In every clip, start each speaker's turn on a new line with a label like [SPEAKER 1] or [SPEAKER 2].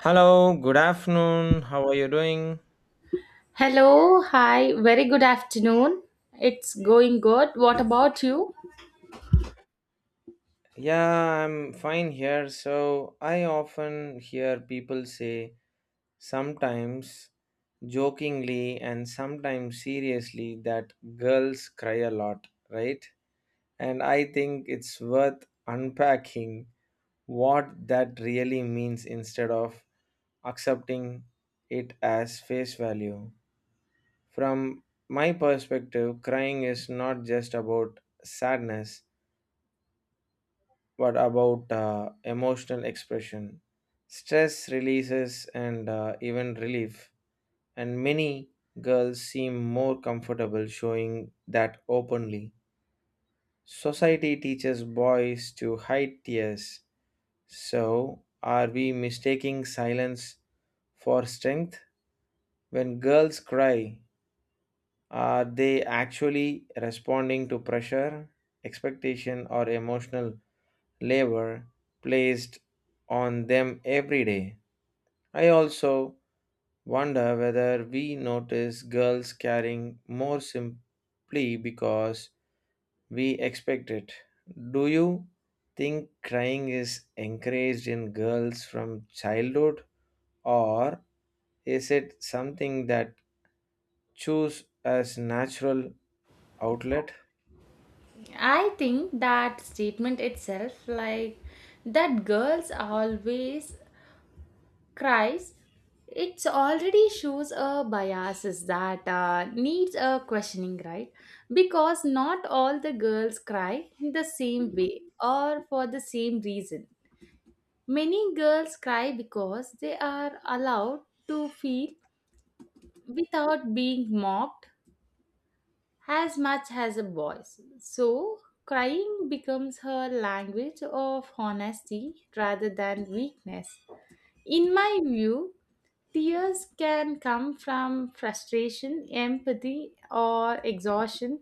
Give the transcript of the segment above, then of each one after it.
[SPEAKER 1] Hello, good afternoon. How are you doing?
[SPEAKER 2] Hello, hi, very good afternoon. It's going good. What about you?
[SPEAKER 1] Yeah, I'm fine here. So, I often hear people say, sometimes jokingly and sometimes seriously, that girls cry a lot, right? And I think it's worth unpacking what that really means instead of accepting it as face value. From my perspective, crying is not just about sadness. What about emotional expression? Stress releases and even relief, and many girls seem more comfortable showing that openly. Society teaches boys to hide tears, so are we mistaking silence for strength? When girls cry, are they actually responding to pressure, expectation, or emotional labor placed on them every day. I also wonder whether we notice girls carrying more simply because we expect it. Do you think crying is encouraged in girls from childhood or is it something that choose as natural outlet?
[SPEAKER 2] I think that statement itself, like that girls always cries, it already shows a biases that needs a questioning, right? Because not all the girls cry in the same way or for the same reason. Many girls cry because they are allowed to feel without being mocked as much as a voice. So, crying becomes her language of honesty rather than weakness. In my view, tears can come from frustration, empathy, or exhaustion,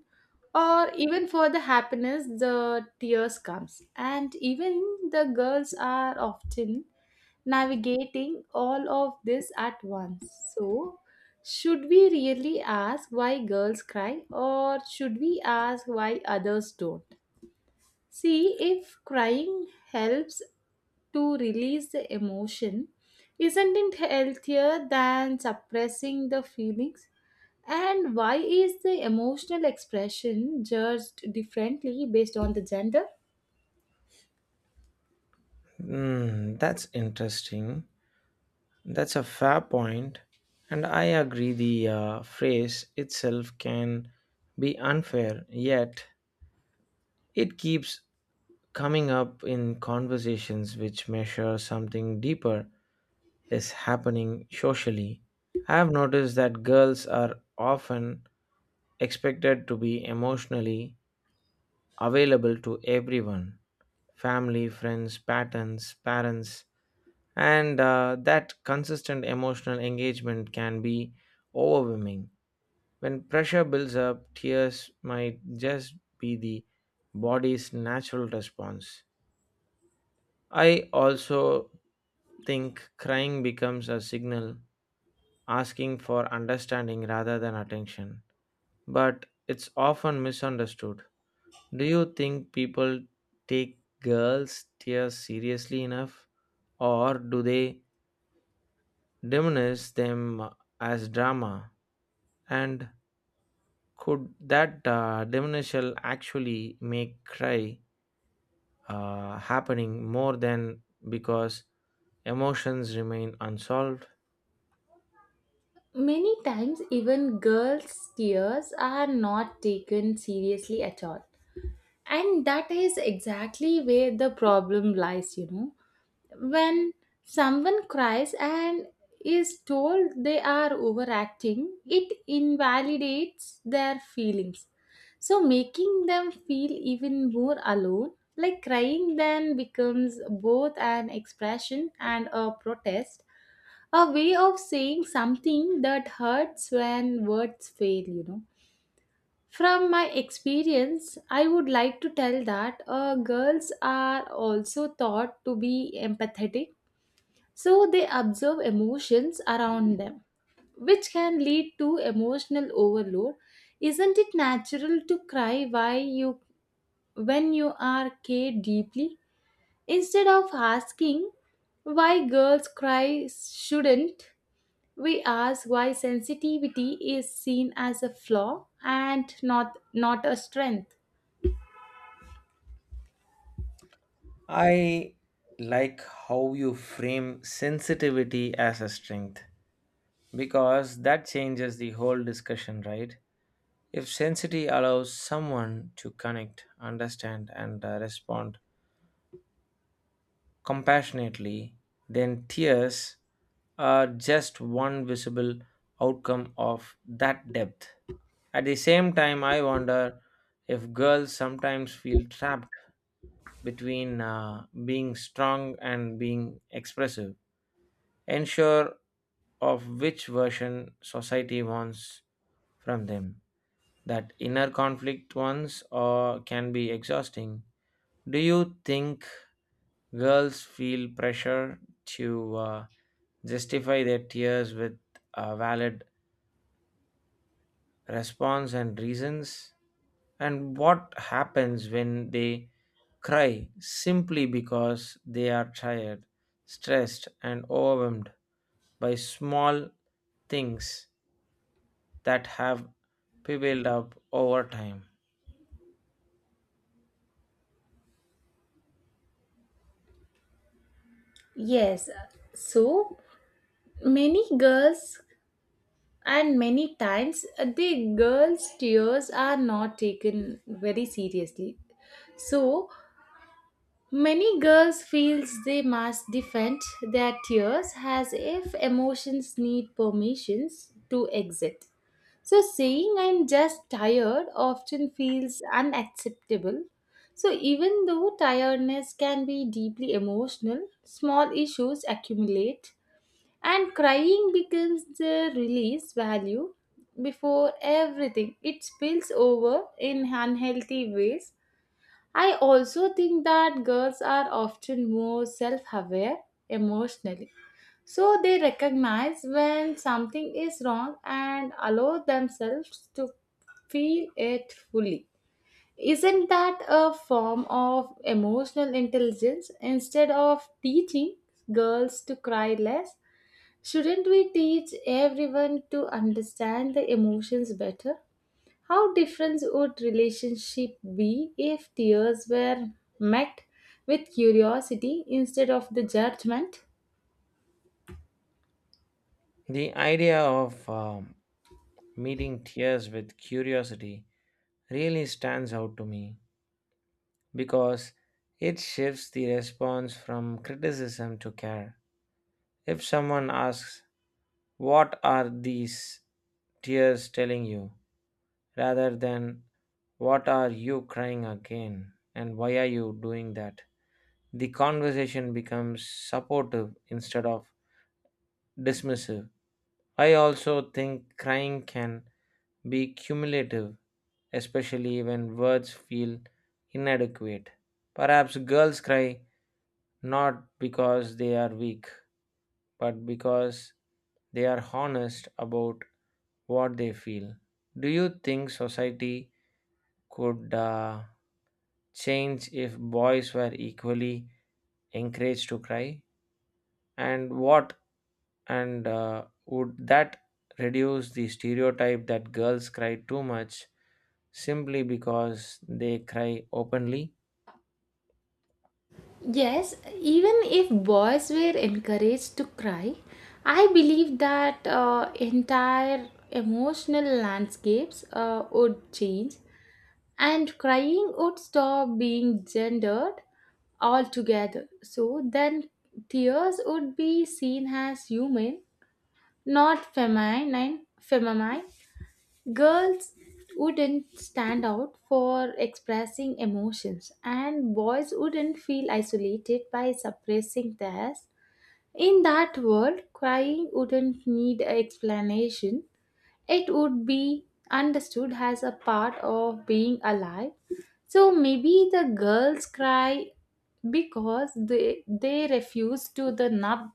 [SPEAKER 2] or even for the happiness the tears comes. And even the girls are often navigating all of this at once. So, should we really ask why girls cry or should we ask why others don't? See, if crying helps to release the emotion, isn't it healthier than suppressing the feelings? And why is the emotional expression judged differently based on the gender?
[SPEAKER 1] Hmm, that's interesting. That's a fair point, and I agree the phrase itself can be unfair, yet, it keeps coming up in conversations which measure something deeper is happening socially. I have noticed that girls are often expected to be emotionally available to everyone family, friends, patterns, parents, and that consistent emotional engagement can be overwhelming. When pressure builds up, tears might just be the body's natural response. I also think crying becomes a signal asking for understanding rather than attention, but it's often misunderstood. Do you think people take girls' tears seriously enough, or do they diminish them as drama? And could that diminution actually make cry happening more than because emotions remain unsolved.
[SPEAKER 2] Many times, even girls' tears are not taken seriously at all. And that is exactly where the problem lies, you know. When someone cries and is told they are overacting, it invalidates their feelings. So, making them feel even more alone, like crying then becomes both an expression and a protest, a way of saying something that hurts when words fail, you know. From my experience, I would like to tell that girls are also taught to be empathetic, so they observe emotions around them, which can lead to emotional overload. Isn't it natural to cry why you when you are cared deeply instead of asking why girls cry shouldn't we ask why sensitivity is seen as a flaw and not a strength.
[SPEAKER 1] I like how you frame sensitivity as a strength because that changes the whole discussion, right? If sensitivity allows someone to connect, understand, and respond compassionately, then tears are just one visible outcome of that depth. At the same time, I wonder if girls sometimes feel trapped between being strong and being expressive, unsure of which version society wants from them. That inner conflict ones or can be exhausting. Do you think girls feel pressure to justify their tears with a valid response and reasons? And what happens when they cry simply because they are tired, stressed, and overwhelmed by small things that have built up over time?
[SPEAKER 2] Yes, so many girls and many times the girls' tears are not taken very seriously. So many girls feels they must defend their tears as if emotions need permissions to exit. So saying I'm just tired often feels unacceptable. So even though tiredness can be deeply emotional, small issues accumulate and crying becomes the release value before everything. It spills over in unhealthy ways. I also think that girls are often more self-aware emotionally so they recognize when something is wrong and allow themselves to feel it fully. Isn't that a form of emotional intelligence? Instead of teaching girls to cry less, shouldn't we teach everyone to understand the emotions better? How different would relationship be if tears were met with curiosity instead of the judgment?
[SPEAKER 1] The idea of meeting tears with curiosity really stands out to me because it shifts the response from criticism to care. If someone asks, "What are these tears telling you?" rather than "What are you crying again?" and "Why are you doing that?" the conversation becomes supportive instead of dismissive. I also think crying can be cumulative, especially when words feel inadequate. Perhaps girls cry not because they are weak, but because they are honest about what they feel. Do you think society could change if boys were equally encouraged to cry? And what and would that reduce the stereotype that girls cry too much simply because they cry openly?
[SPEAKER 2] Yes, even if boys were encouraged to cry, I believe that entire emotional landscapes would change and crying would stop being gendered altogether. So then tears would be seen as human, not feminine. Girls wouldn't stand out for expressing emotions, and boys wouldn't feel isolated by suppressing theirs. In that world, crying wouldn't need an explanation, it would be understood as a part of being alive. So maybe the girls cry because they refuse to the nub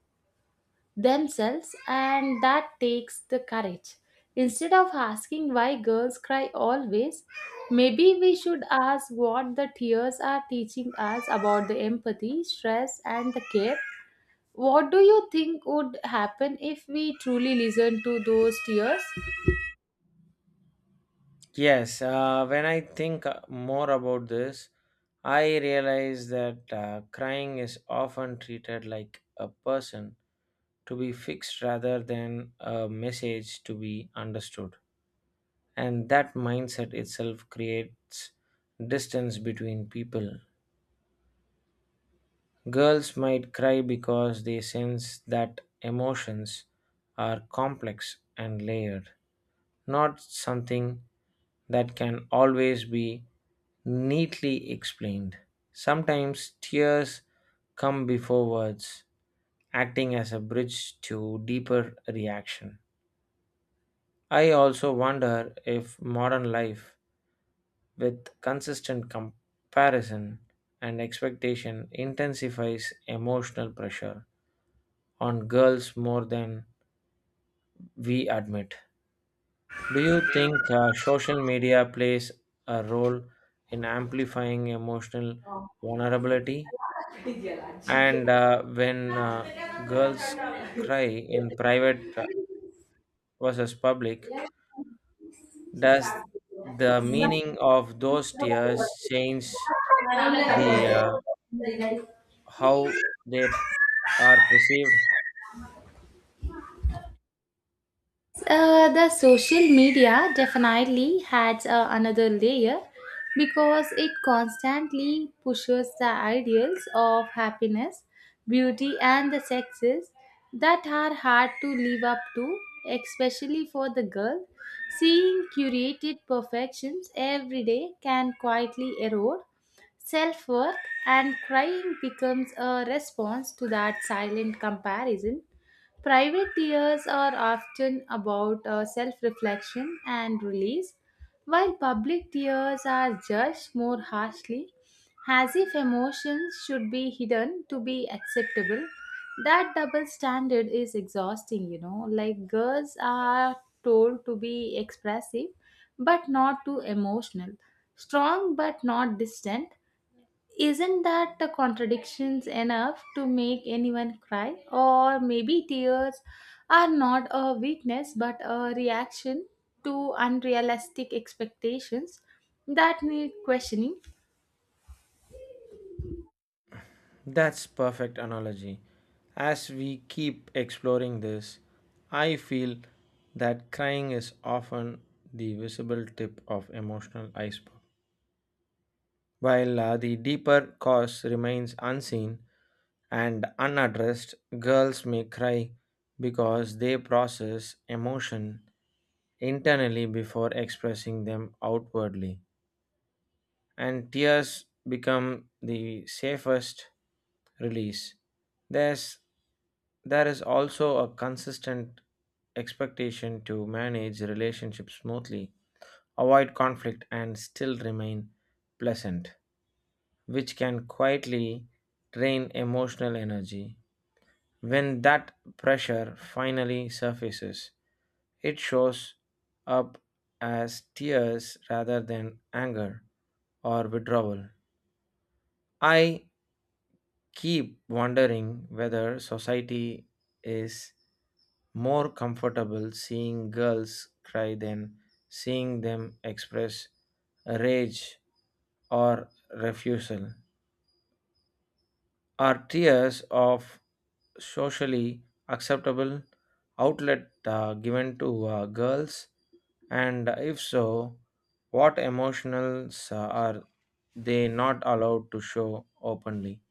[SPEAKER 2] themselves, and that takes the courage. Instead of asking why girls cry always, maybe we should ask what the tears are teaching us about the empathy, stress, and the care. What do you think would happen if we truly listen to those tears?
[SPEAKER 1] Yes, when I think more about this, I realize that crying is often treated like a person to be fixed rather than a message to be understood. And that mindset itself creates distance between people. Girls might cry because they sense that emotions are complex and layered not something that can always be neatly explained. Sometimes tears come before words, acting as a bridge to deeper reaction. I also wonder if modern life, with consistent comparison and expectation, intensifies emotional pressure on girls more than we admit. Do you think social media plays a role in amplifying emotional vulnerability? And when girls cry in private versus public, does the meaning of those tears change the how they are perceived?
[SPEAKER 2] The social media definitely adds another layer because it constantly pushes the ideals of happiness, beauty, and the sexes that are hard to live up to, especially for the girl. Seeing curated perfections every day can quietly erode self worth, and crying becomes a response to that silent comparison. Private years are often about self reflection and release, while public years are judged more harshly, as if emotions should be hidden to be acceptable. That double standard is exhausting, you know. Like girls are told to be expressive but not too emotional, strong but not distant, isn't that the contradictions enough to make anyone cry? Or maybe tears are not a weakness but a reaction to unrealistic expectations that need questioning.
[SPEAKER 1] That's perfect analogy. As we keep exploring this, I feel that crying is often the visible tip of emotional iceberg, while the deeper cause remains unseen and unaddressed. Girls may cry because they process emotion internally before expressing them outwardly and tears become the safest release. There's there is also a consistent expectation to manage relationships smoothly, avoid conflict and still remain pleasant, which can quietly drain emotional energy. When that pressure finally surfaces, it shows up as tears rather than anger or withdrawal. I keep wondering whether society is more comfortable seeing girls cry than seeing them express rage or refusal. Are tears of socially acceptable outlet given to girls? And if so, what emotionals are they not allowed to show openly?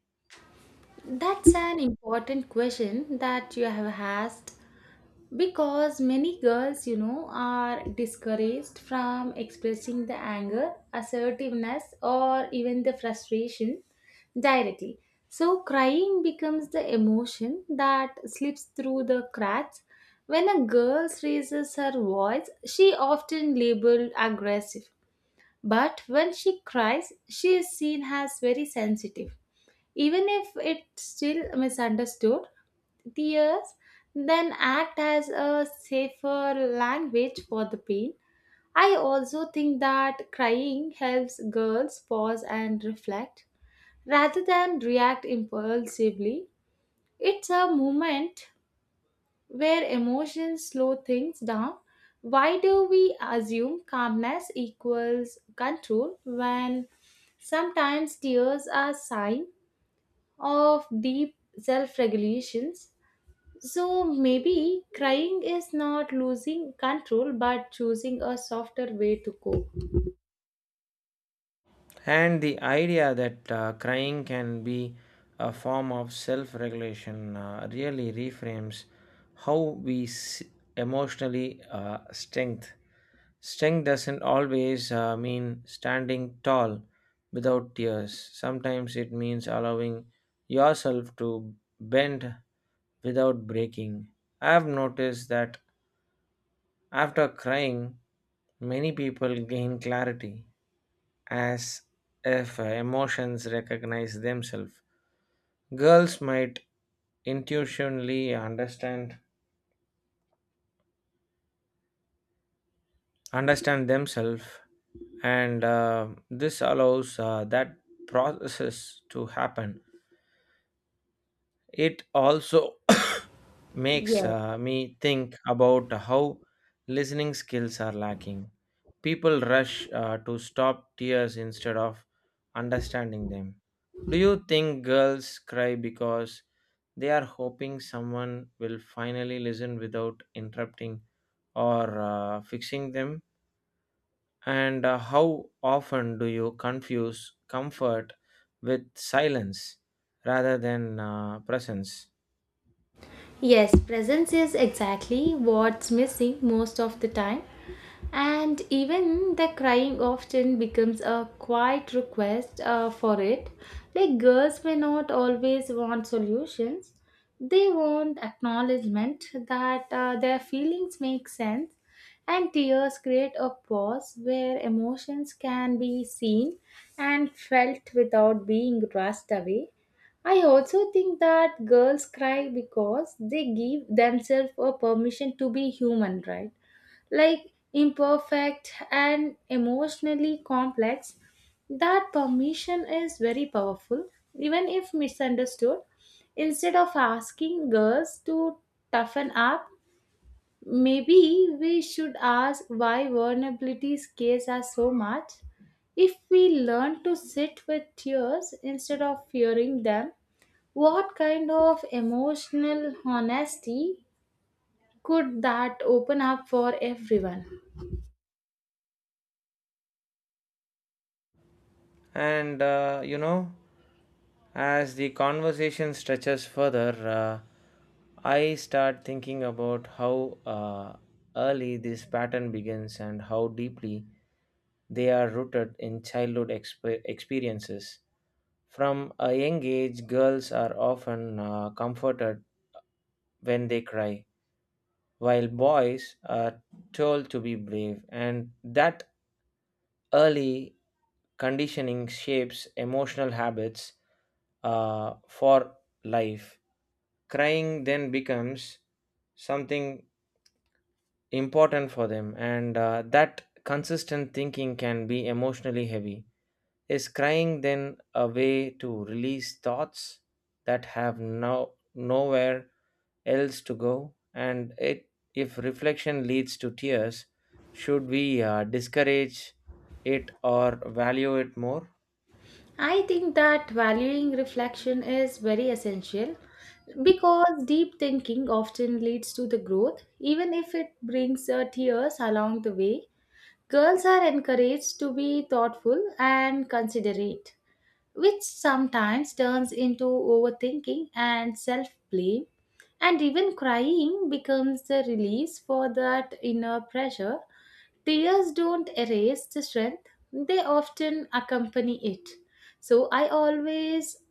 [SPEAKER 2] That's an important question that you have asked because many girls you know are discouraged from expressing the anger assertiveness or even the frustration directly so crying becomes the emotion that slips through the cracks when a girl raises her voice she often labeled aggressive but when she cries, she is seen as very sensitive. Even if it's still misunderstood, tears then act as a safer language for the pain. I also think that crying helps girls pause and reflect rather than react impulsively. It's a moment where emotions slow things down. Why do we assume calmness equals control when sometimes tears are sign of deep self-regulations? So maybe crying is not losing control but choosing a softer way to cope.
[SPEAKER 1] And the idea that crying can be a form of self regulation really reframes how we emotionally strength. Strength doesn't always mean standing tall without tears, sometimes it means allowing yourself to bend without breaking. I have noticed that after crying, many people gain clarity as if emotions recognize themselves. Girls might intuitionally understand themselves, and this allows that process to happen. It also makes me think about how listening skills are lacking. People rush to stop tears instead of understanding them. Do you think girls cry because they are hoping someone will finally listen without interrupting or fixing them? And how often do you confuse comfort with silence rather than presence?
[SPEAKER 2] Yes, presence is exactly what's missing most of the time. And even the crying often becomes a quiet request for it. Like girls may not always want solutions, they want acknowledgement that their feelings make sense. And tears create a pause where emotions can be seen and felt without being rushed away. I also think that girls cry because they give themselves a permission to be human, right? Like imperfect and emotionally complex. That permission is very powerful, even if misunderstood. Instead of asking girls to toughen up, maybe we should ask why vulnerability scares us so much. If we learn to sit with tears instead of fearing them, what kind of emotional honesty could that open up for everyone?
[SPEAKER 1] And you know, as the conversation stretches further, I start thinking about how early this pattern begins and how deeply they are rooted in childhood experiences. From a young age, girls are often comforted when they cry, while boys are told to be brave, and that early conditioning shapes emotional habits for life. Crying then becomes something important for them, and that consistent thinking can be emotionally heavy. Is crying then a way to release thoughts that have no, nowhere else to go? And it, if reflection leads to tears, should we discourage it or value it more?
[SPEAKER 2] I think that valuing reflection is very essential because deep thinking often leads to the growth, even if it brings tears along the way. Girls are encouraged to be thoughtful and considerate, which sometimes turns into overthinking and self blame. And even crying becomes the release for that inner pressure. Tears don't erase the strength, they often accompany it. So I always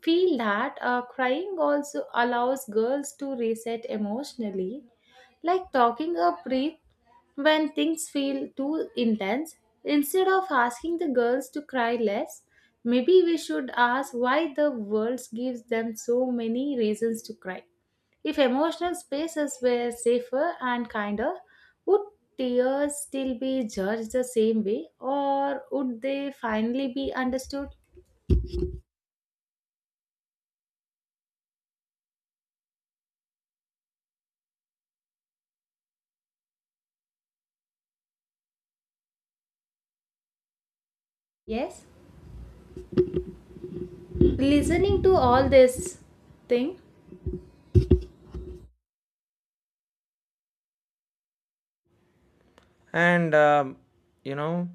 [SPEAKER 2] feel that crying also allows girls to reset emotionally like talking a breath when things feel too intense. Instead of asking the girls to cry less, maybe we should ask why the world gives them so many reasons to cry. If emotional spaces were safer and kinder, would tears still be judged the same way or would they finally be understood? Yes, listening to all this thing.
[SPEAKER 1] And you know,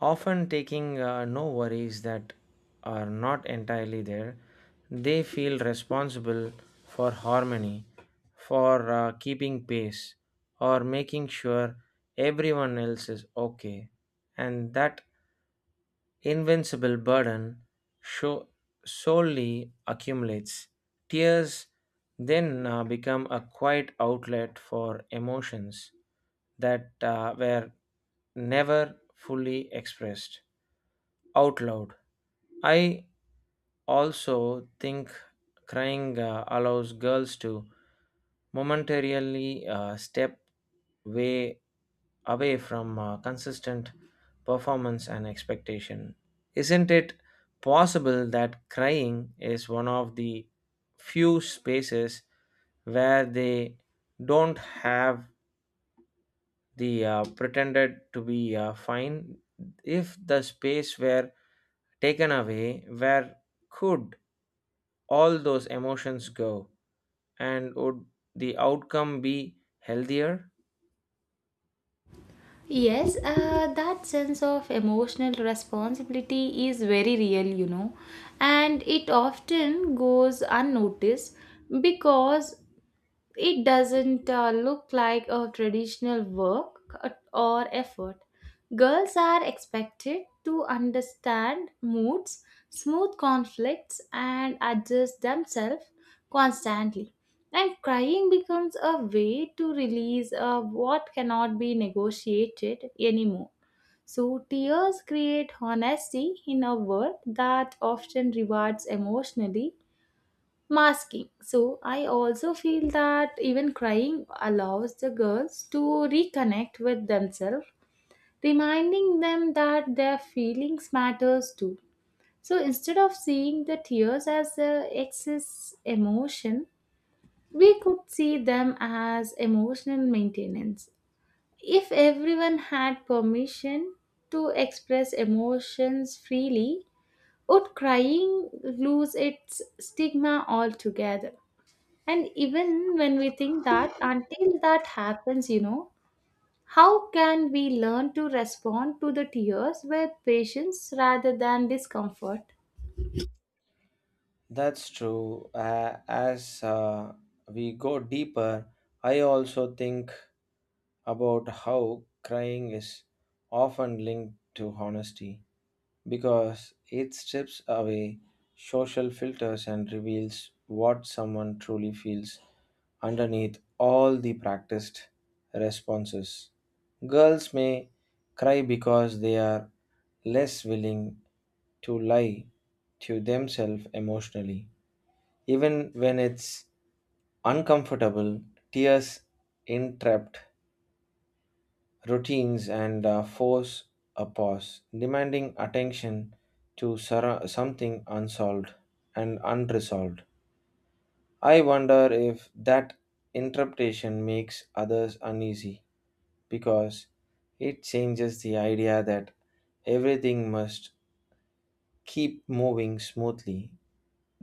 [SPEAKER 1] often taking no worries that are not entirely there, they feel responsible for harmony, for keeping pace or making sure everyone else is okay, and that invincible burden sho- solely accumulates. Tears then become a quiet outlet for emotions that were never fully expressed out loud. I also think crying allows girls to momentarily step way away from consistent performance and expectation. Isn't it possible that crying is one of the few spaces where they don't have the pretended to be fine? If the space were taken away, where could all those emotions go? And would the outcome be healthier?
[SPEAKER 2] Yes, that sense of emotional responsibility is very real, you know, and it often goes unnoticed because it doesn't look like a traditional work or effort. Girls are expected to understand moods, smooth conflicts, and adjust themselves constantly. And crying becomes a way to release what cannot be negotiated anymore. So, tears create honesty in a world that often rewards emotionally masking. So I also feel that even crying allows the girls to reconnect with themselves, reminding them that their feelings matters too. So instead of seeing the tears as a excess emotion, we could see them as emotional maintenance. If everyone had permission to express emotions freely, would crying lose its stigma altogether? And even when we think that, until that happens, you know, how can we learn to respond to the tears with patience rather than discomfort?
[SPEAKER 1] That's true. As we go deeper, I also think about how crying is often linked to honesty, because it strips away social filters and reveals what someone truly feels underneath all the practiced responses. Girls may cry because they are less willing to lie to themselves emotionally. Even when it's uncomfortable, tears interrupt routines and force a pause, demanding attention to something unsolved and unresolved. I wonder if that interpretation makes others uneasy because it changes the idea that everything must keep moving smoothly.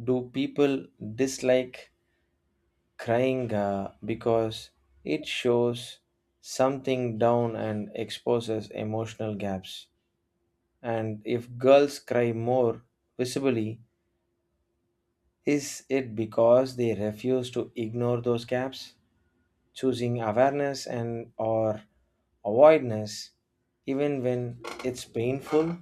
[SPEAKER 1] Do people dislike crying because it shows something down and exposes emotional gaps? And if girls cry more visibly, is it because they refuse to ignore those gaps, choosing awareness and or avoidance even when it's painful?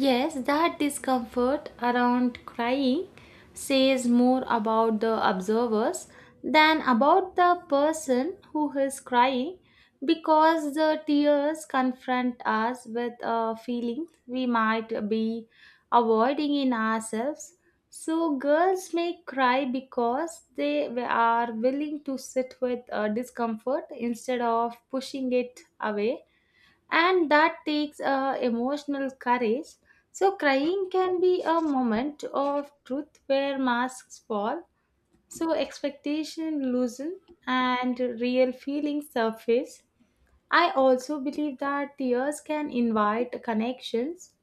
[SPEAKER 2] Yes, that discomfort around crying says more about the observers than about the person who is crying because the tears confront us with a feeling we might be avoiding in ourselves. So, girls may cry because they are willing to sit with discomfort instead of pushing it away and that takes emotional courage. So, crying can be a moment of truth where masks fall, so expectation loosen and real feelings surface. I also believe that tears can invite connections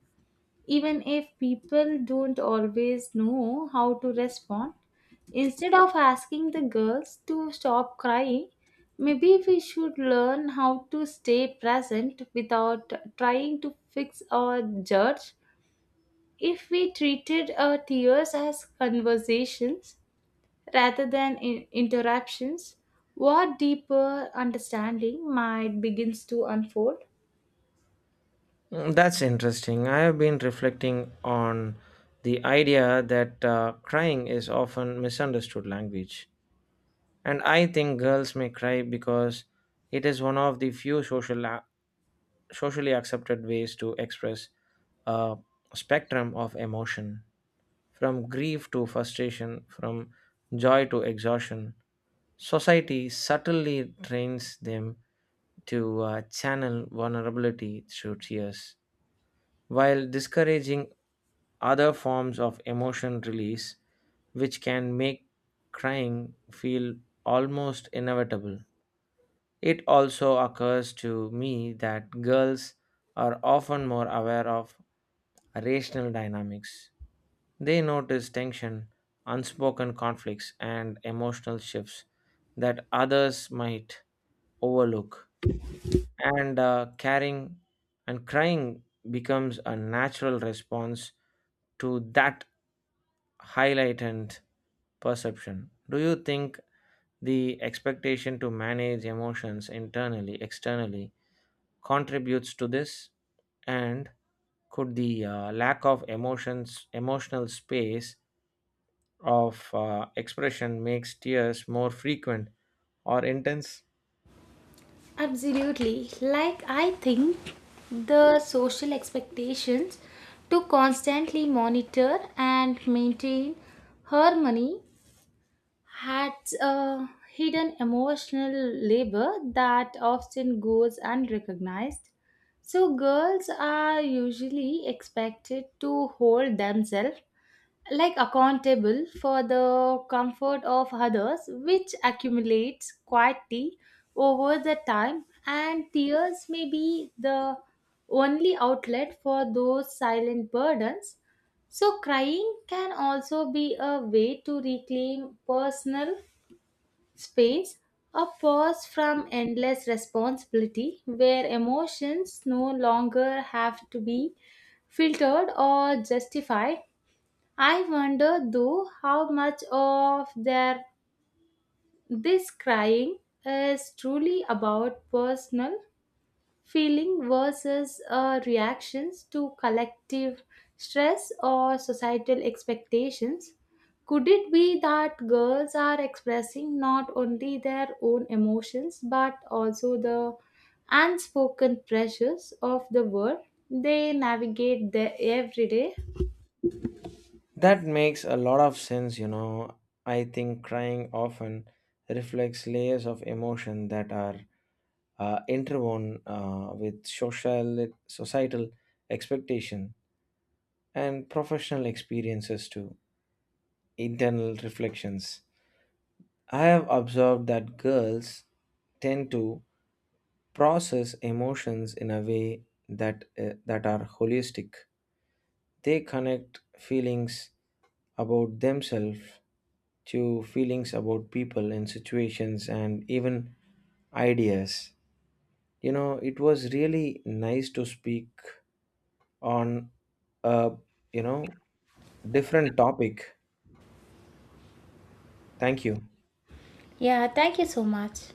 [SPEAKER 2] even if people don't always know how to respond. Instead of asking the girls to stop crying, maybe we should learn how to stay present without trying to fix or judge. If we treated our tears as conversations rather than interruptions, what deeper understanding might begins to unfold?
[SPEAKER 1] Mm, that's interesting. I have been reflecting on the idea that crying is often misunderstood language. And I think girls may cry because it is one of the few socially accepted ways to express a spectrum of emotion, from grief to frustration, from joy to exhaustion. Society subtly trains them to channel vulnerability through tears, while discouraging other forms of emotion release, which can make crying feel almost inevitable. It also occurs to me that girls are often more aware of rational dynamics. They notice tension, unspoken conflicts, and emotional shifts that others might overlook. And caring and crying becomes a natural response to that highlighted perception. Do you think the expectation to manage emotions internally, externally, contributes to this and could the lack of emotions emotional space of expression makes tears more frequent or intense?
[SPEAKER 2] Absolutely. Like, I think the social expectations to constantly monitor and maintain harmony had a hidden emotional labor that often goes unrecognized. So, girls are usually expected to hold themselves like accountable for the comfort of others which accumulates quietly over the time and tears may be the only outlet for those silent burdens so crying can also be a way to reclaim personal space a pause from endless responsibility where emotions no longer have to be filtered or justified. I wonder though how much of their this crying is truly about personal feeling versus reactions to collective stress or societal expectations. Could it be that girls are expressing not only their own emotions but also the unspoken pressures of the world they navigate their everyday?
[SPEAKER 1] That makes a lot of sense, you know. I think crying often reflects layers of emotion that are interwoven with social societal expectation and professional experiences too, internal reflections. I have observed that girls tend to process emotions in a way that that are holistic. They connect feelings about themselves to feelings about people and situations and even ideas. You know, it was really nice to speak on a, you know, different topic. Thank you.
[SPEAKER 2] Yeah, thank you so much.